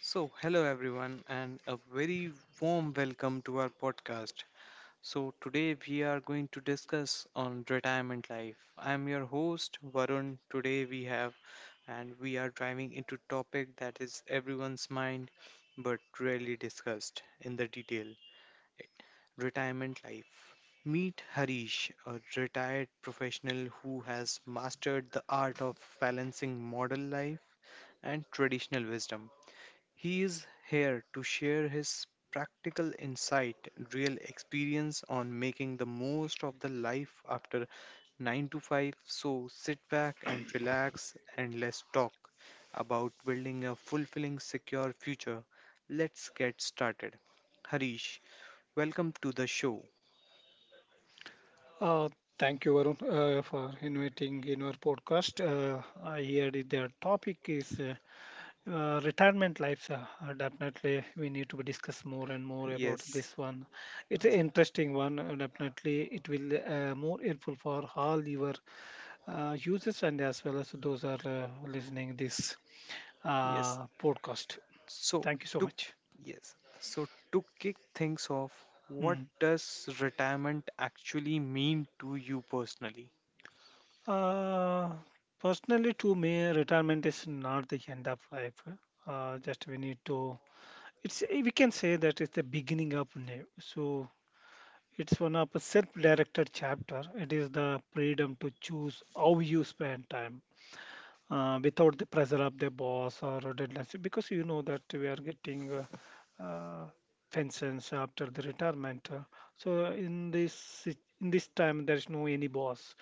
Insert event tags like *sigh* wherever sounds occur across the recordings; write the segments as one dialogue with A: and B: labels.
A: So, hello everyone, and a very warm welcome to our podcast. So, today we are going to discuss on retirement life. I'm your host Varun. Today we have, and we are driving into topic that is everyone's mind, but rarely discussed in the detail. Retirement life. Meet Harish, a retired professional who has mastered the art of balancing modern life and traditional wisdom. He is here to share his practical insight, real experience on making the most of the life after 9 to 5. So sit back and relax and let's talk about building a fulfilling, secure future. Let's get started. Harish, welcome to the show.
B: Uh, Thank you, Varun, for inviting in our podcast. I the topic is retirement lives. Definitely, we need to discuss more and more about
A: Yes,
B: this one. It's an interesting one. Definitely, it will more helpful for all your users and as well as those are listening this
A: yes.
B: podcast.
A: So
B: Thank you so
A: to
B: much.
A: yes, so, to kick things off, what
B: Mm.
A: does retirement actually mean to you personally? *laughs*
B: Uh, Personally, to me, retirement is not the end of life. Just we need to. It's we can say that it's the beginning of new. So it's one of a self-directed chapter. It is the freedom to choose how you spend time. Without the pressure of the boss or deadlines, because you know that we are getting uh, pensions after the retirement. So in in this time, there is no any boss,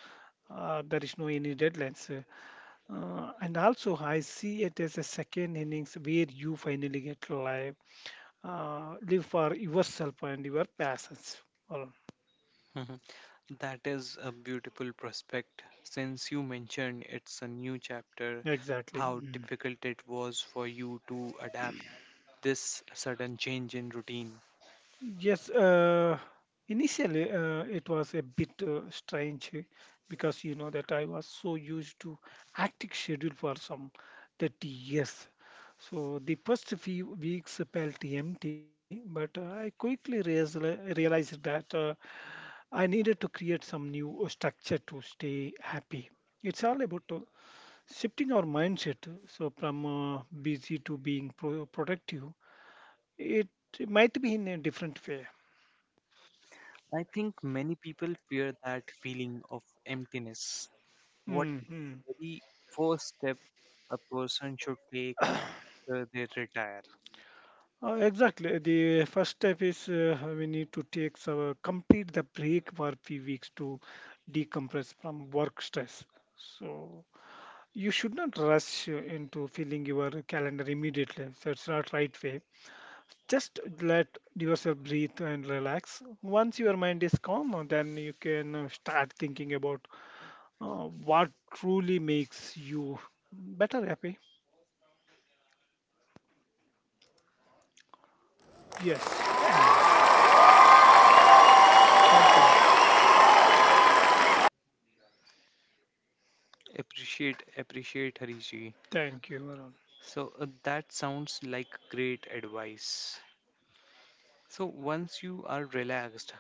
B: there is no any deadlines. And also, I see it as a second innings where you finally get to live, live for yourself and your passions. Well,
A: Mhm. That is a beautiful prospect, since you mentioned it's a new chapter,
B: exactly.
A: how
B: Mm.
A: difficult it was for you to adapt this sudden change in routine.
B: Yes, initially it was a bit strange because you know that I was so used to hectic schedule for some 30 years. So the first few weeks felt empty, but I quickly realized that. I needed to create some new structure to stay happy. It's all about shifting our mindset so from busy to being productive. It might be in a different way.
A: I think many people fear that feeling of emptiness. What
B: Mm-hmm.
A: very first step a person should take after they retire?
B: Exactly. The first step is we need to take so, complete the break for few weeks to decompress from work stress. So you should not rush into filling your calendar immediately. So it's not right way. Just let yourself breathe and relax. Once your mind is calm, then you can start thinking about what truly makes you better happy. Yes. Mm. Thank you.
A: Appreciate, appreciate Hariji.
B: Thank you, Varun.
A: So that sounds like great advice. So once you are relaxed,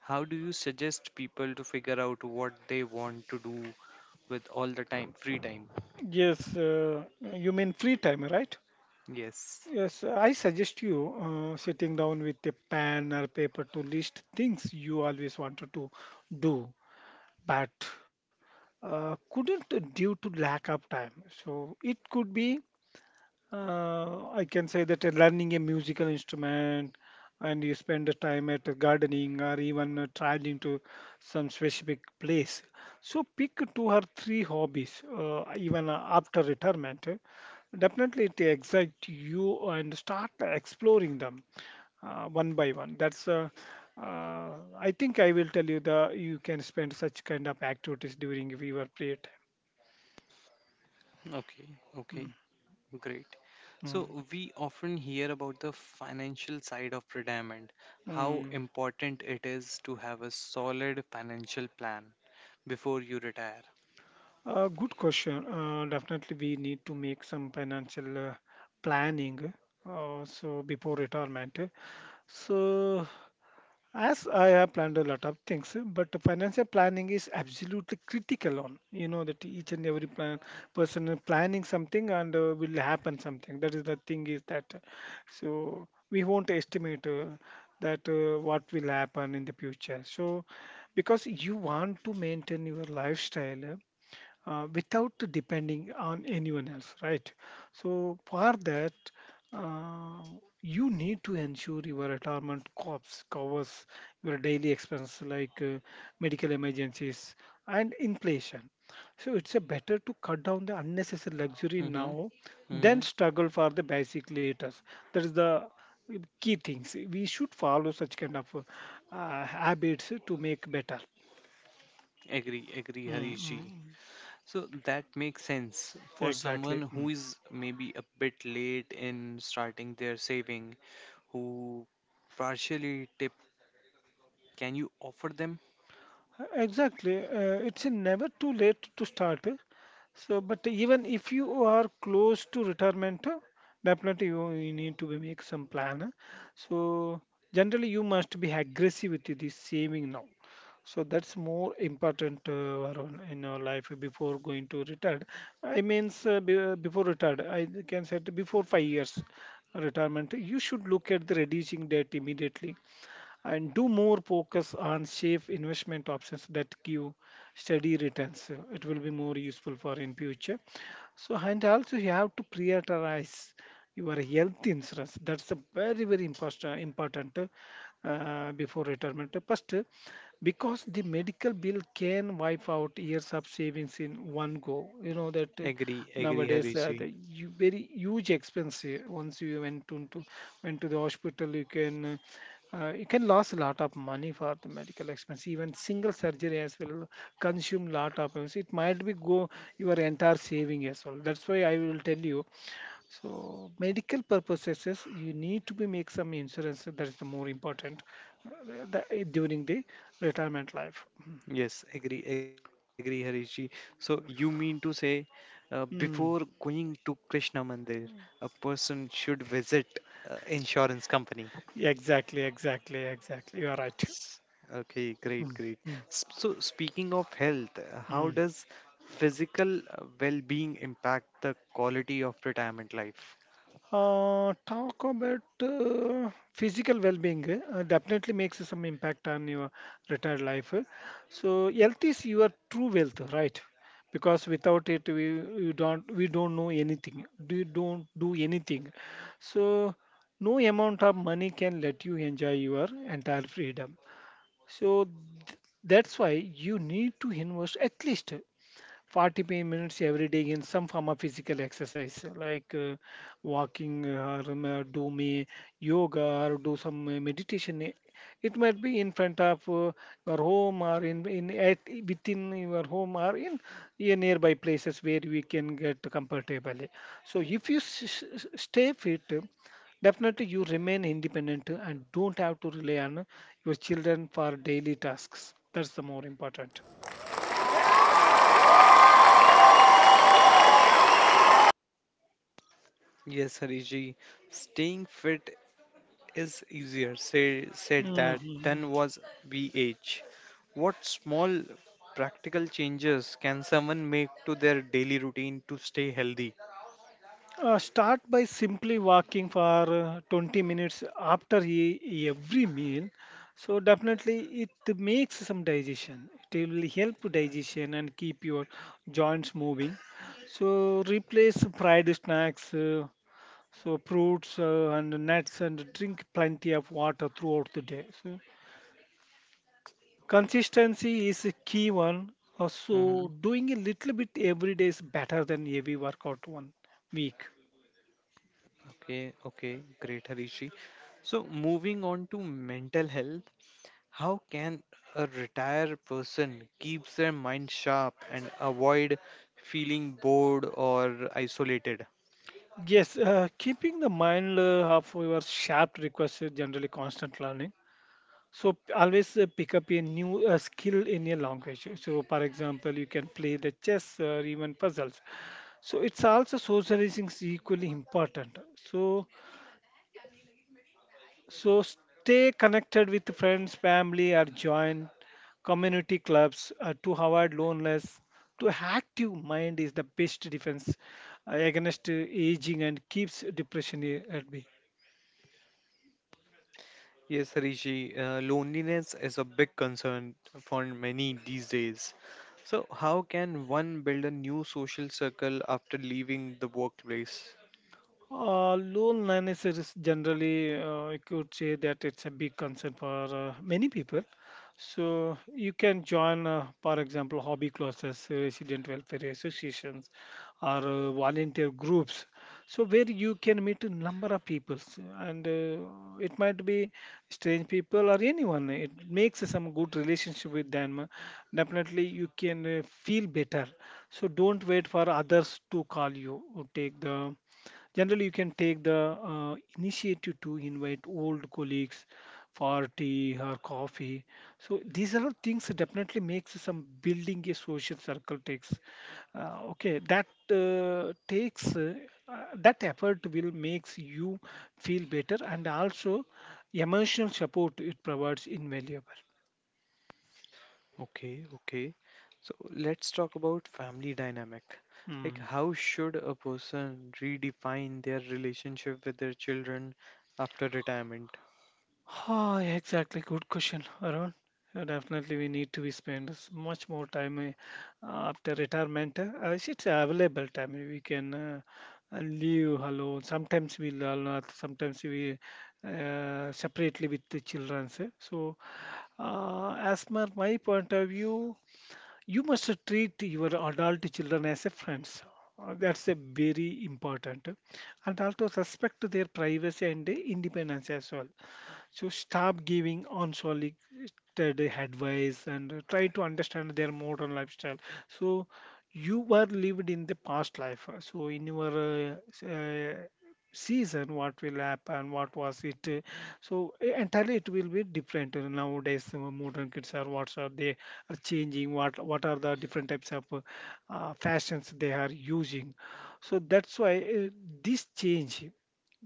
A: how do you suggest people to figure out what they want to do with all the time, free time?
B: Yes, you mean free time, right?
A: Yes.
B: Yes, I suggest you sitting down with a pen or paper to list things you always wanted to do, but couldn't due to lack of time. So it could be I can say that learning a musical instrument and you spend the time at gardening or even traveling to some specific place. So pick two or three hobbies, even after retirement. Definitely it excites you and start exploring them one by one. That's uh, I think I will tell you the you can spend such kind of activities during your free
A: Okay, okay,
B: time.
A: great.
B: Mm.
A: So we often hear about the financial side of retirement, how
B: Mm.
A: important it is to have a solid financial plan before you retire.
B: Good question. Definitely, we need to make some financial planning so before retirement. So as I have planned a lot of things, but financial planning is absolutely critical on, you know, that each and every plan, person is planning something and will happen something. That is the thing is that, so we won't estimate that what will happen in the future. So because you want to maintain your lifestyle, without depending on anyone else, right? So for that, uh, you need to ensure your retirement corps covers your daily expenses like medical emergencies and inflation. So it's a better to cut down the unnecessary luxury
A: Mm-hmm.
B: now
A: Mm-hmm.
B: than struggle for the basic later. That is the key things. We should follow such kind of habits to make better.
A: Agree, agree,
B: Mm,
A: Harish ji.
B: mm,
A: So that makes sense
B: mm.
A: for
B: Exactly.
A: someone
B: Mm.
A: who is maybe a bit late in starting their saving, who partially tip. Can you offer them?
B: Exactly. It's never too late to start. So, but even if you are close to retirement, definitely you need to be make some plan. So, generally, you must be aggressive with this saving now. So that's more important Varun, in your life before going to retired. I means before retired, I can say that before 5 years retirement, you should look at the reducing debt immediately and do more focus on safe investment options that give steady returns. So it will be more useful for in future. So and also you have to prioritize your health insurance. That's a very important before retirement. First, because the medical bill can wipe out years of savings in one go. You know that
A: Agree, agree,
B: nowadays
A: Harish ji.
B: the you, very huge expense once you went to the hospital you can. You can lose a lot of money for the medical expense. Even single surgery as well consume lot of expense. It might be go your entire saving as well. That's why I will tell you. So medical purposes, is you need to be make some insurance. That is the more important uh, the, during the retirement life.
A: Yes, agree, agree, Harish ji. So you mean to say, before
B: Mm.
A: going to Krishna Mandir, a person should visit insurance company.
B: Exactly, exactly, exactly. You are right.
A: Okay, great,
B: Mm,
A: great.
B: mm,
A: So, speaking of health, how
B: mm.
A: does physical well-being impact the quality of retirement life?
B: Talk about physical well-being definitely makes some impact on your retired life. So health is your true wealth, right? Because without it, we don't know anything. We don't do anything. So no amount of money can let you enjoy your entire freedom. So th- that's why you need to invest at least 40 minutes every day in some form of physical exercise like walking or do me yoga or do some meditation. It might be in front of your home or in at within your home or in a nearby places where we can get comfortably so if you stay fit definitely you remain independent and don't have to rely on your children for daily tasks. That's the more important.
A: Yes, Hariji, staying fit is easier say, said that
B: Mhm.
A: than was we age. What small practical changes can someone make to their daily routine to stay healthy?
B: Start by simply walking for 20 minutes after every meal. So definitely it makes some digestion. It will help digestion and keep your joints moving. So replace fried snacks, so fruits and nuts, and drink plenty of water throughout the day. So consistency is a key one. So
A: Mm-hmm.
B: doing a little bit every day is better than heavy workout one week.
A: Okay, okay, great, Harishi. So, moving on to mental health, how can a retired person keep their mind sharp and avoid feeling bored or isolated?
B: Yes, keeping the mind of your sharp requires generally constant learning. So always pick up a new skill in a language. So for example, you can play the chess or even puzzles. So it's also socializing is equally important. So stay connected with friends, family, or join community clubs to avoid loneliness. To active mind is the best defense against aging and keeps depression at bay.
A: Yes, Rishi, loneliness is a big concern for many these days. So, how can one build a new social circle after leaving the workplace?
B: Loan Loneliness is generally, you could say that it's a big concern for many people. So you can join, for example, hobby classes, resident welfare associations, or volunteer groups. So where you can meet a number of people, so, and it might be strange people or anyone. It makes some good relationship with them. Definitely, you can feel better. So don't wait for others to call you. Take the generally you can take the initiative to invite old colleagues for tea or coffee. So these are all things that definitely makes some building a social circle takes uh, okay that uh, takes uh, that effort will makes you feel better, and also emotional support it provides invaluable.
A: Okay, okay. So, let's talk about family dynamic. Like,
B: Hmm.
A: how should a person redefine their relationship with their children after retirement?
B: Ah, exactly. Good question, Arun. Definitely, we need to be spend much more time after retirement. I should available time. We can live alone. Sometimes we learn, sometimes we separately with the children. So, as per my point of view, you must treat your adult children as a friends. That's a very important, and also respect their privacy and independence as well, so stop giving unsolicited advice and try to understand their modern lifestyle. So you were lived in the past life, so in your season what will happen, what was it, so entirely it will be different. Nowadays modern kids are what are they are changing, what are the different types of fashions they are using. So that's why this change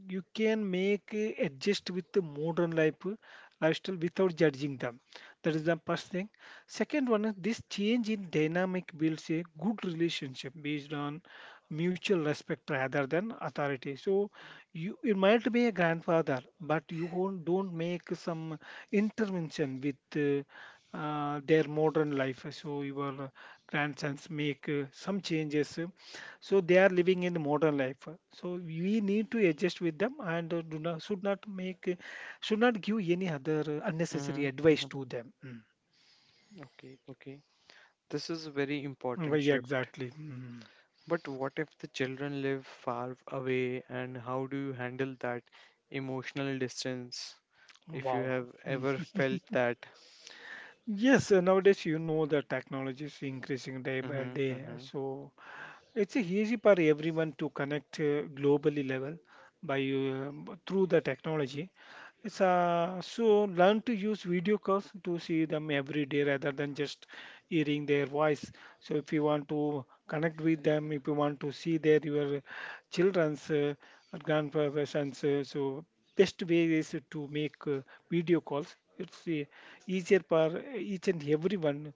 B: you can make adjust with the modern lifestyle without judging them. That is the first thing. Second one is this change in dynamic builds a good relationship based on mutual respect rather than authority. So you it might be a grandfather, but you won't, don't make some intervention with their modern life. So your grandsons make some changes, so they are living in the modern life, so we need to adjust with them and do not should not make should not give any other unnecessary
A: Mm-hmm,
B: advice
A: mm-hmm.
B: to them. Mm.
A: Okay, okay. This is a very
B: Well,
A: important
B: yeah,
A: shift.
B: exactly. Mm.
A: But what if the children live far away, and how do you handle that emotional distance if you
B: Wow.
A: have
B: Mm.
A: ever felt that?
B: Yes, nowadays you know the technology is increasing day by
A: Mm-hmm,
B: day.
A: mm-hmm.
B: So it's easy for everyone to connect globally level by through the technology. It's So learn to use video calls to see them every day rather than just hearing their voice. So if you want to connect with them, if you want to see their your children's, or grandparents, so best way is to make video calls. It's easier for each and everyone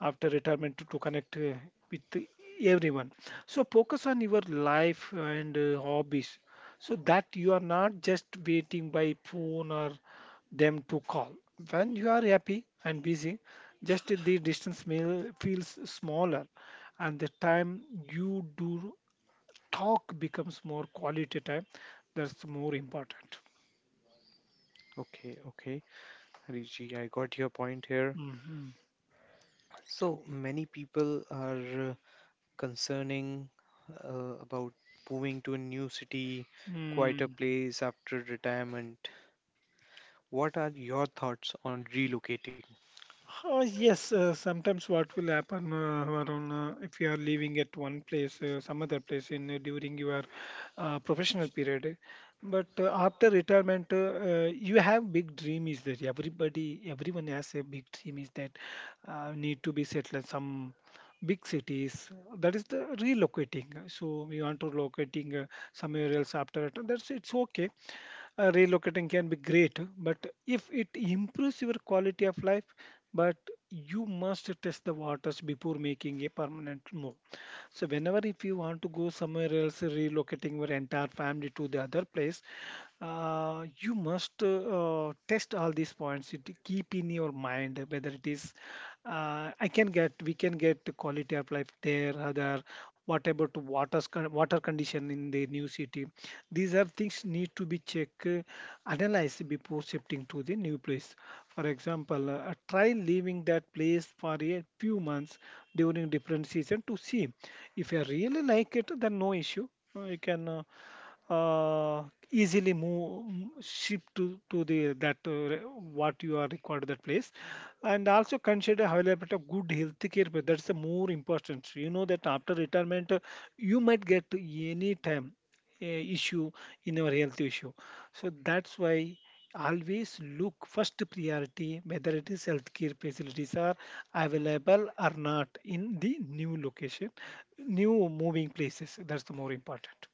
B: after retirement to connect, with everyone. So focus on your life and hobbies so that you are not just waiting by phone or them to call. When you are happy and busy, just the distance feels smaller and the time you do talk becomes more quality time. That's more important.
A: Okay, okay. Riji, I got your point here.
B: Mm-hmm.
A: So many people are concerning about moving to a new city, quieter
B: Hmm.
A: place after retirement. What are your thoughts on relocating?
B: Yes, sometimes what will happen, Varun, if you are leaving at one place, some other place in during your professional period. But after retirement, you have big dream is that everybody, everyone has a big dream is that need to be settled in some big cities. That is the relocating. So we want to locating somewhere else after it. That's it's okay. Relocating can be great, but if it improves your quality of life. But you must test the waters before making a permanent move. So whenever if you want to go somewhere else, relocating your entire family to the other place, you must test all these points. It keep in your mind whether it is I can get we can get the quality of life there. Other, what about waters water condition in the new city? These are things need to be checked, analyzed before shifting to the new place. For example, try leaving that place for a few months during different season to see. If you really like it, then no issue. You can uh, easily move, shift to the that, what you are required, that place. And also consider availability of good healthcare, care. That's the more important. You know that after retirement, you might get any time issue in your health issue. So that's why always look first priority whether it is healthcare facilities are available or not in the new location, new moving places. That's the more important.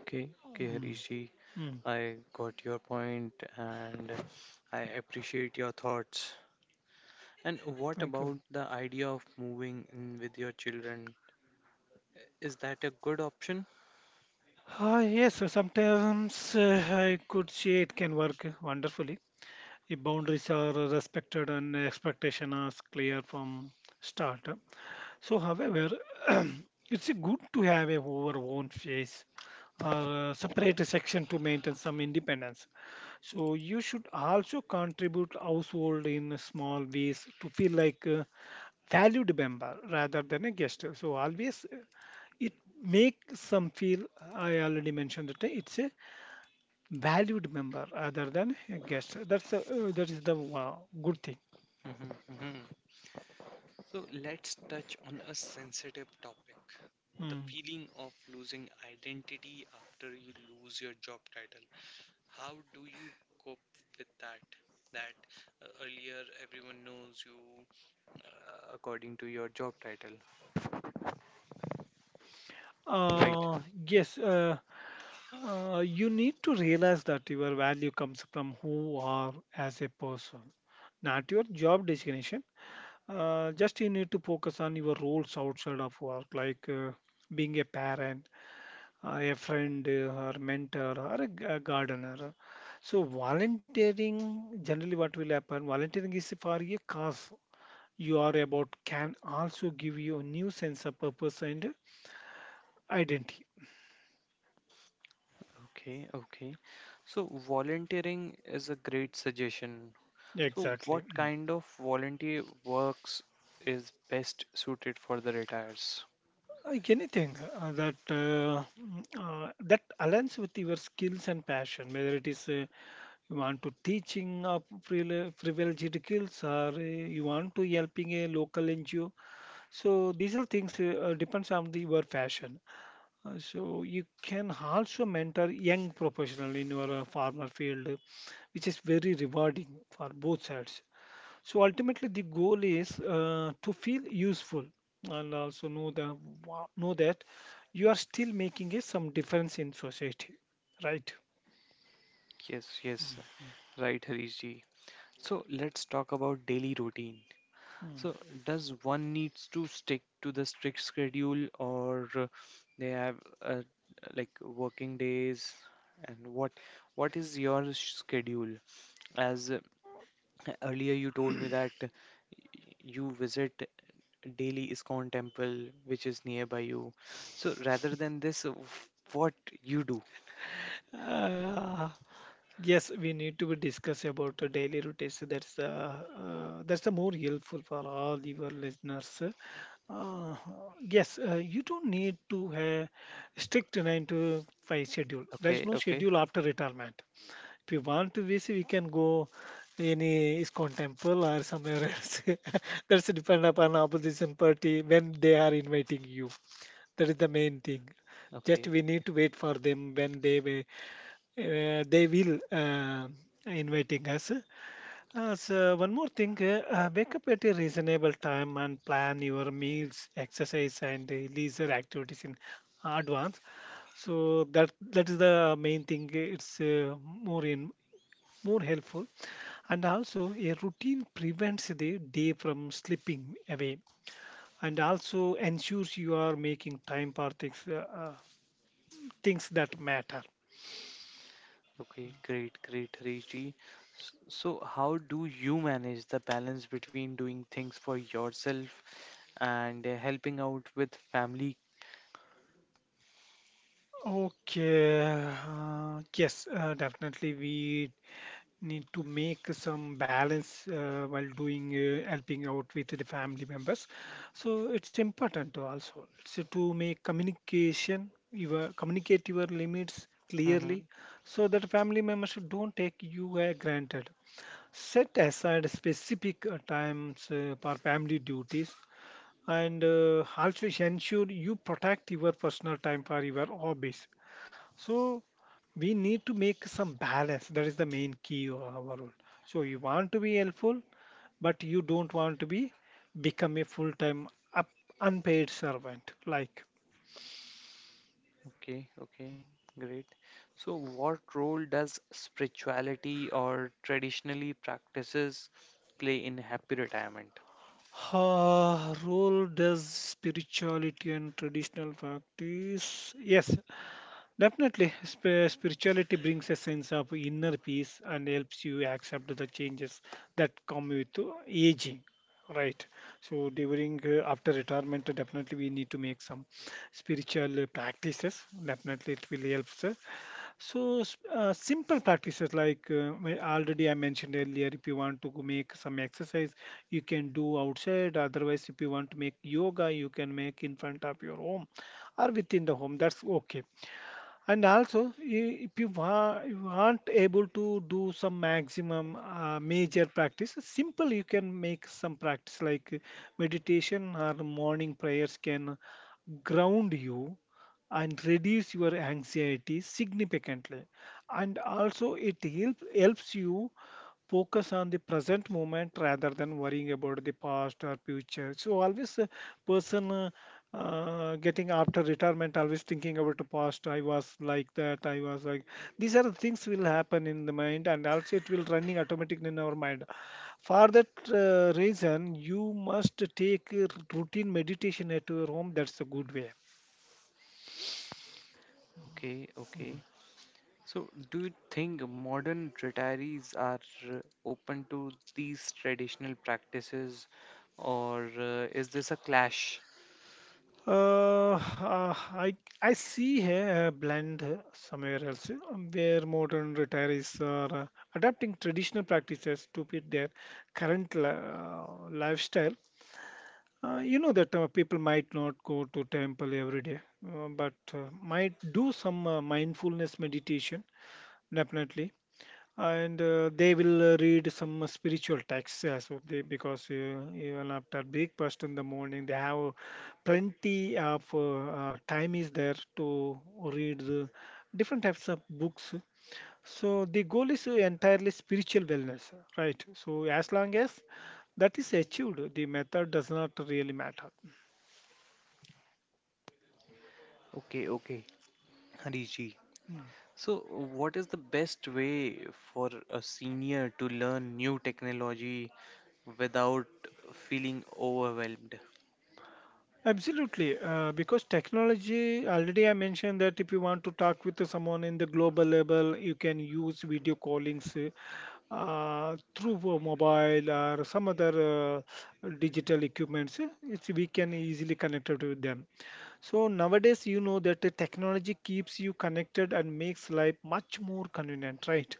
A: Okay, okay,
B: Mm,
A: Harishi,
B: mm.
A: I got your point and I appreciate your thoughts. And what
B: Thank you.
A: about the idea of moving in with your children? Is that a good option?
B: Yes, so sometimes I could say it can work wonderfully if boundaries are respected and expectation are clear from start. So, however, *clears throat* it's good to have a our own face or separate section to maintain some independence. So, you should also contribute household in small ways to feel like a valued member rather than a guest. So, always, it makes some feel. I already mentioned that it's a valued member other than a guest. That is the wow, good thing.
A: Mhm, mhm. So let's touch on a sensitive topic, the
B: Mm.
A: feeling of losing identity after you lose your job title. How do you cope with that? That earlier everyone knows you according to your job title, right?
B: Uh, yes, you need to realize that your value comes from who you are as a person, not your job designation. Just you need to focus on your roles outside of work, like being a parent, a friend, or mentor, or a gardener. So volunteering, generally, what will happen? Volunteering is for a cause you are about can also give you a new sense of purpose and identity.
A: Okay, okay. So volunteering is a great suggestion. So what
B: Exactly. Mm.
A: kind of volunteer works is best suited for the retires?
B: Anything that that aligns with your skills and passion, whether it is you want to teaching privileged skills, or you want to helping a local NGO. So these are things, depends on your passion. So you can also mentor young professional in your farmer field, which is very rewarding for both sides. So ultimately, the goal is to feel useful and also know that you are still making some difference in society, right?
A: Yes, yes. Right, Harish ji. So let's talk about daily routine.
B: Hmm.
A: So does one needs to stick to the strict schedule, or they have uh, like working days? And what is your schedule as earlier, you told me that you visit daily ISKCON temple, which is nearby you. So rather than this, what you do?
B: Uh, yes, we need to discuss about the daily routines. That's the more helpful for all your listeners. Uh, yes, you don't need to have strict 9-to-5 schedule. There is
A: Okay,
B: no
A: okay,
B: schedule after retirement. If you want to visit, we can go any ISKCON temple or somewhere else. *laughs* That's depend upon opposition party when they are inviting you. That is the main thing. Just
A: okay,
B: we need to wait for them when they will inviting us. So one more thing, wake up at a reasonable time and plan your meals, exercise, and leisure activities in advance. So that is the main thing. It's more helpful. And also, a routine prevents the day from slipping away and also ensures you are making time for things that matter.
A: okay. Great, great, Harish ji. S- So, how do you manage the balance between doing things for yourself and helping out with family?
B: Okay, yes, definitely we need to make some balance while doing, helping out with the family members. So it's important to also, it's to make communication, your communicate your limits clearly so that family members don't take you granted. Set aside specific times for family duties, and also ensure you protect your personal time for your hobbies. So we need to make some balance. That is the main key of our role. So you want to be helpful, but you don't want to be become a full-time, up, unpaid servant. Like
A: Okay, okay, great. So, what role does spirituality or traditionally practices play in happy retirement?
B: role does spirituality and traditional practice. Yes. Definitely, spirituality brings a sense of inner peace and helps you accept the changes that come with aging. Right. So during, after retirement, definitely we need to make some spiritual practices. Definitely, it will help, sir. So simple practices like, already I mentioned earlier. If you want to go make some exercise, you can do outside. Otherwise, if you want to make yoga, you can make in front of your home or within the home. That's okay. And also, if you aren't able to do some maximum major practice, simple you can make some practice like meditation or morning prayers can ground you and reduce your anxiety significantly. And also, it helps you focus on the present moment rather than worrying about the past or future. So always a person getting after retirement always thinking about the past. I was like that, I was like. These are the things will happen in the mind, and also it will running automatically in our mind. For that reason you must take routine meditation at your home. That's a good way.
A: Okay, okay. So, do you think modern retirees are uh, open to these traditional practices, or is this a clash?
B: Uh, uh, I I see a blend somewhere else, where modern retirees are adapting traditional practices to fit their lifestyle. You know that people might not go to temple every day, but might do some mindfulness meditation definitely, and they will read some spiritual texts as well because even after breakfast in the morning they have plenty of time is there to read the different types of books. So the goal is entirely spiritual wellness, right? So as long as that is achieved, the method does not really matter.
A: Okay, okay, Hariji. So, what is the best way for a senior to learn new technology without feeling overwhelmed?
B: Absolutely, because technology, already I mentioned, that if you want to talk with someone in the global level, you can use video callings through a mobile or some other digital equipments. We can easily connect it with them. So nowadays, you know that the technology keeps you connected and makes life much more convenient, right?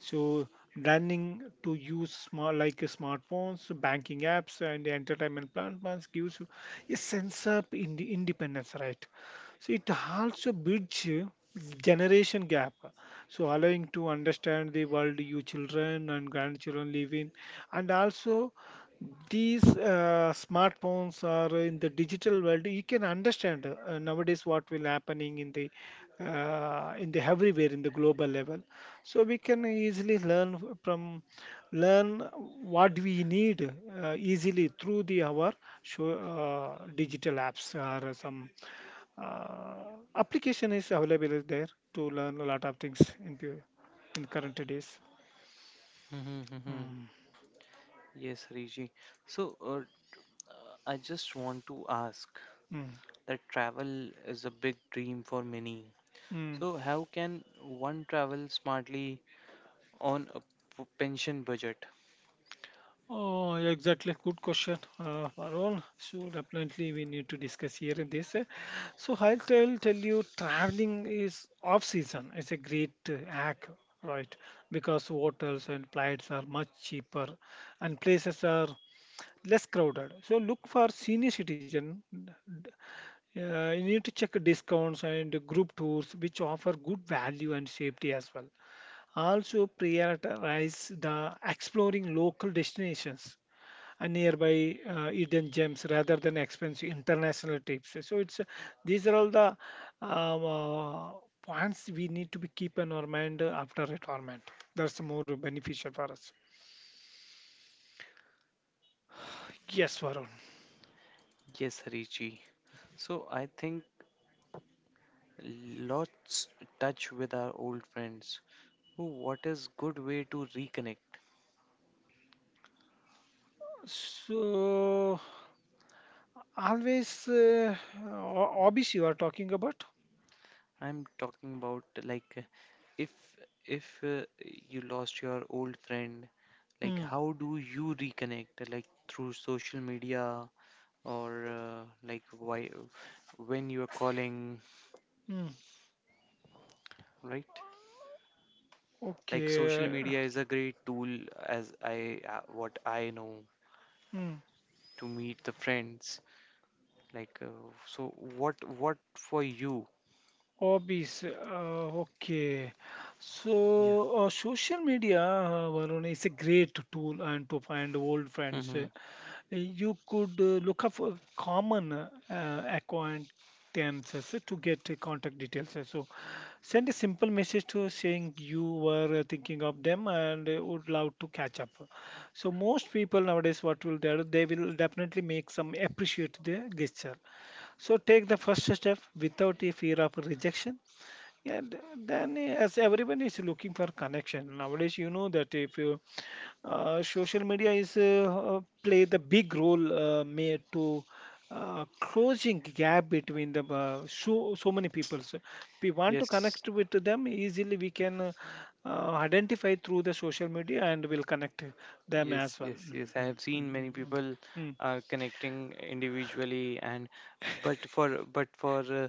B: So learning to use small, like smartphones, banking apps, and entertainment platforms gives you a sense of independence, right? So it also bridge generation gap, so allowing to understand the world you children and grandchildren live in. And also, these smartphones are in the digital world. You can understand nowadays what will happening in the everywhere in the global level. So we can easily learn f- from learn what we need easily through the our show, digital apps or some application is available there to learn a lot of things in current days.
A: Mhm, mhm.
B: Mm,
A: Yes, Rishi. So, I just want to ask
B: mm,
A: that travel is a big dream for many.
B: mm.
A: So, how can one travel smartly on a pension budget?
B: Oh, yeah, exactly. Good question, Parul. So definitely we need to discuss here in this. So I'll tell you, traveling is off season. It's a great hack, right? Because hotels and flights are much cheaper, and places are less crowded. So look for senior citizen. You need to check discounts and group tours, which offer good value and safety as well. Also prioritize the exploring local destinations, nearby hidden gems rather than expensive international trips. So it's these are all the um, uh, points we need to be keep in our mind after retirement. That's more beneficial for us. Yes, Varun.
A: Yes, Rishi. So, I think lots touch with our old friends. Oh, what is good way to reconnect?
B: So always, hobbies you are talking about.
A: I'm talking about like, if if you lost your old friend, like
B: Hmm.
A: how do you reconnect? Like through social media, or like why when you are calling,
B: Hmm.
A: right? Like social
B: Okay.
A: media is a great tool, as I what I know,
B: Hmm.
A: to meet the friends. Like so, what for you?
B: Hobbies. Okay.
A: Yeah.
B: So, social media, Varun, is a great tool and to find old friends.
A: Hmm.
B: You could look up for common acquaintances to get contact details. So send a simple message to saying you were thinking of them, and would love to catch up. So most people nowadays, what will they do? They will definitely make some appreciate the gesture. So take the first step without a fear of rejection. Yeah, then, as everyone is looking for connection nowadays, you know that if you, social media is play the big role made to closing gap between the so many people. So if we want to
A: Yes.
B: connect with them easily, we can identify through the social media and will connect them
A: Yes,
B: as well.
A: yes,
B: Mm,
A: yes. I
B: mm,
A: have seen
B: mm,
A: many
B: mm, mm.
A: people
B: Mm.
A: are connecting individually and but for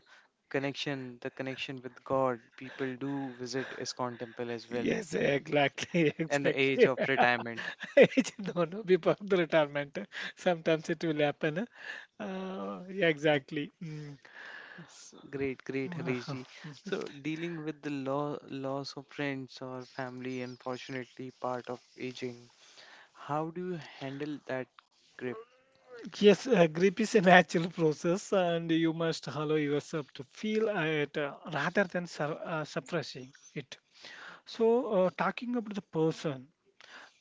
A: connection, the connection with God, people do visit ISKCON temple as well.
B: Yes, exactly, *laughs*
A: And the age
B: exactly.
A: of retirement.
B: *laughs* No, no, before the retirement. Sometimes it will happen. Yeah, exactly. Mm. *laughs*
A: Great, great,
B: Wow.
A: Harishji. So dealing with the lo loss of friends or family, unfortunately, part of aging. How do you handle that grip?
B: Yes, grief is a natural process, and you must allow yourself to feel it rather than suppressing it. So, talking about the person,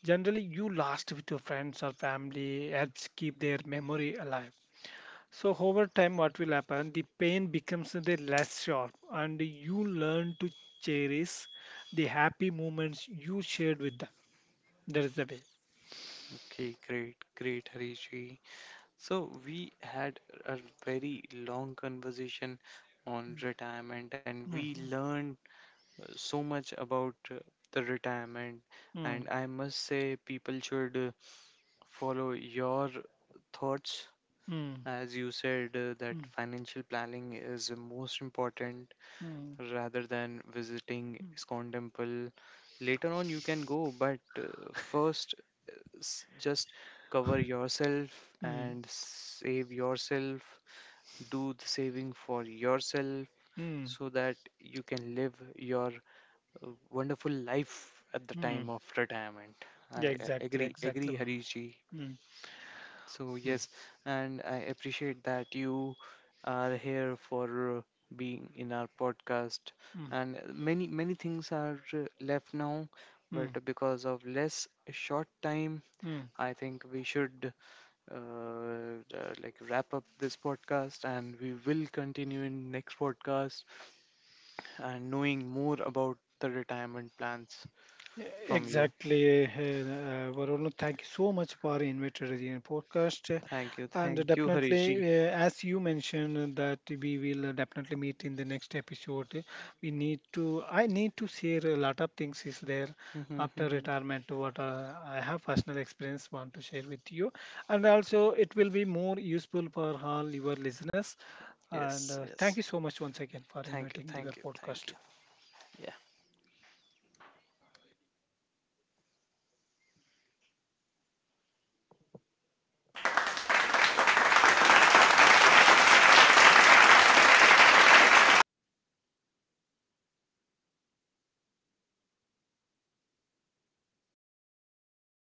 B: generally you last with your friends or family helps keep their memory alive. So over time, what will happen? The pain becomes the less sharp, and you learn to cherish the happy moments you shared with them. That is the way.
A: Okay, great, great, Harishji. So we had a very long conversation on retirement, and we
B: Mm,
A: learned so much about the retirement,
B: mm,
A: and I must say people should follow your thoughts,
B: mm,
A: as you said that
B: mm,
A: financial planning is most important rather than visiting
B: mm,
A: ISKCON temple. Later on you can go, but first just cover yourself
B: mm,
A: and save yourself, do the saving for yourself,
B: mm,
A: so that you can live your wonderful life at the time
B: mm.
A: of retirement. I
B: Yeah,
A: uh,
B: exactly,
A: agree,
B: exactly.
A: agree,
B: Mm,
A: Harish.
B: mm,
A: So
B: mm,
A: yes, and I appreciate that you are here for being in our podcast.
B: mm,
A: And many many things are left now,
B: mm,
A: but because of less short time,
B: mm.
A: I think we should like wrap up this podcast, and we will continue in next podcast and knowing more about the retirement plans from you.
B: Exactly, Varun. Thank you so much for inviting us in podcast.
A: Thank you.
B: And
A: Thank you,
B: definitely,
A: Harishji.
B: as you mentioned, that we will definitely meet in the next episode. We need to. I need to share a lot of things is there after
A: *laughs*
B: retirement. What I have personal experience want to share with you, and also it will be more useful for all your listeners. And
A: Yes,
B: thank
A: yes.
B: you so much once again for
A: Thank you.
B: inviting the
A: Thank
B: your
A: you. Thank
B: podcast.
A: you. Yeah.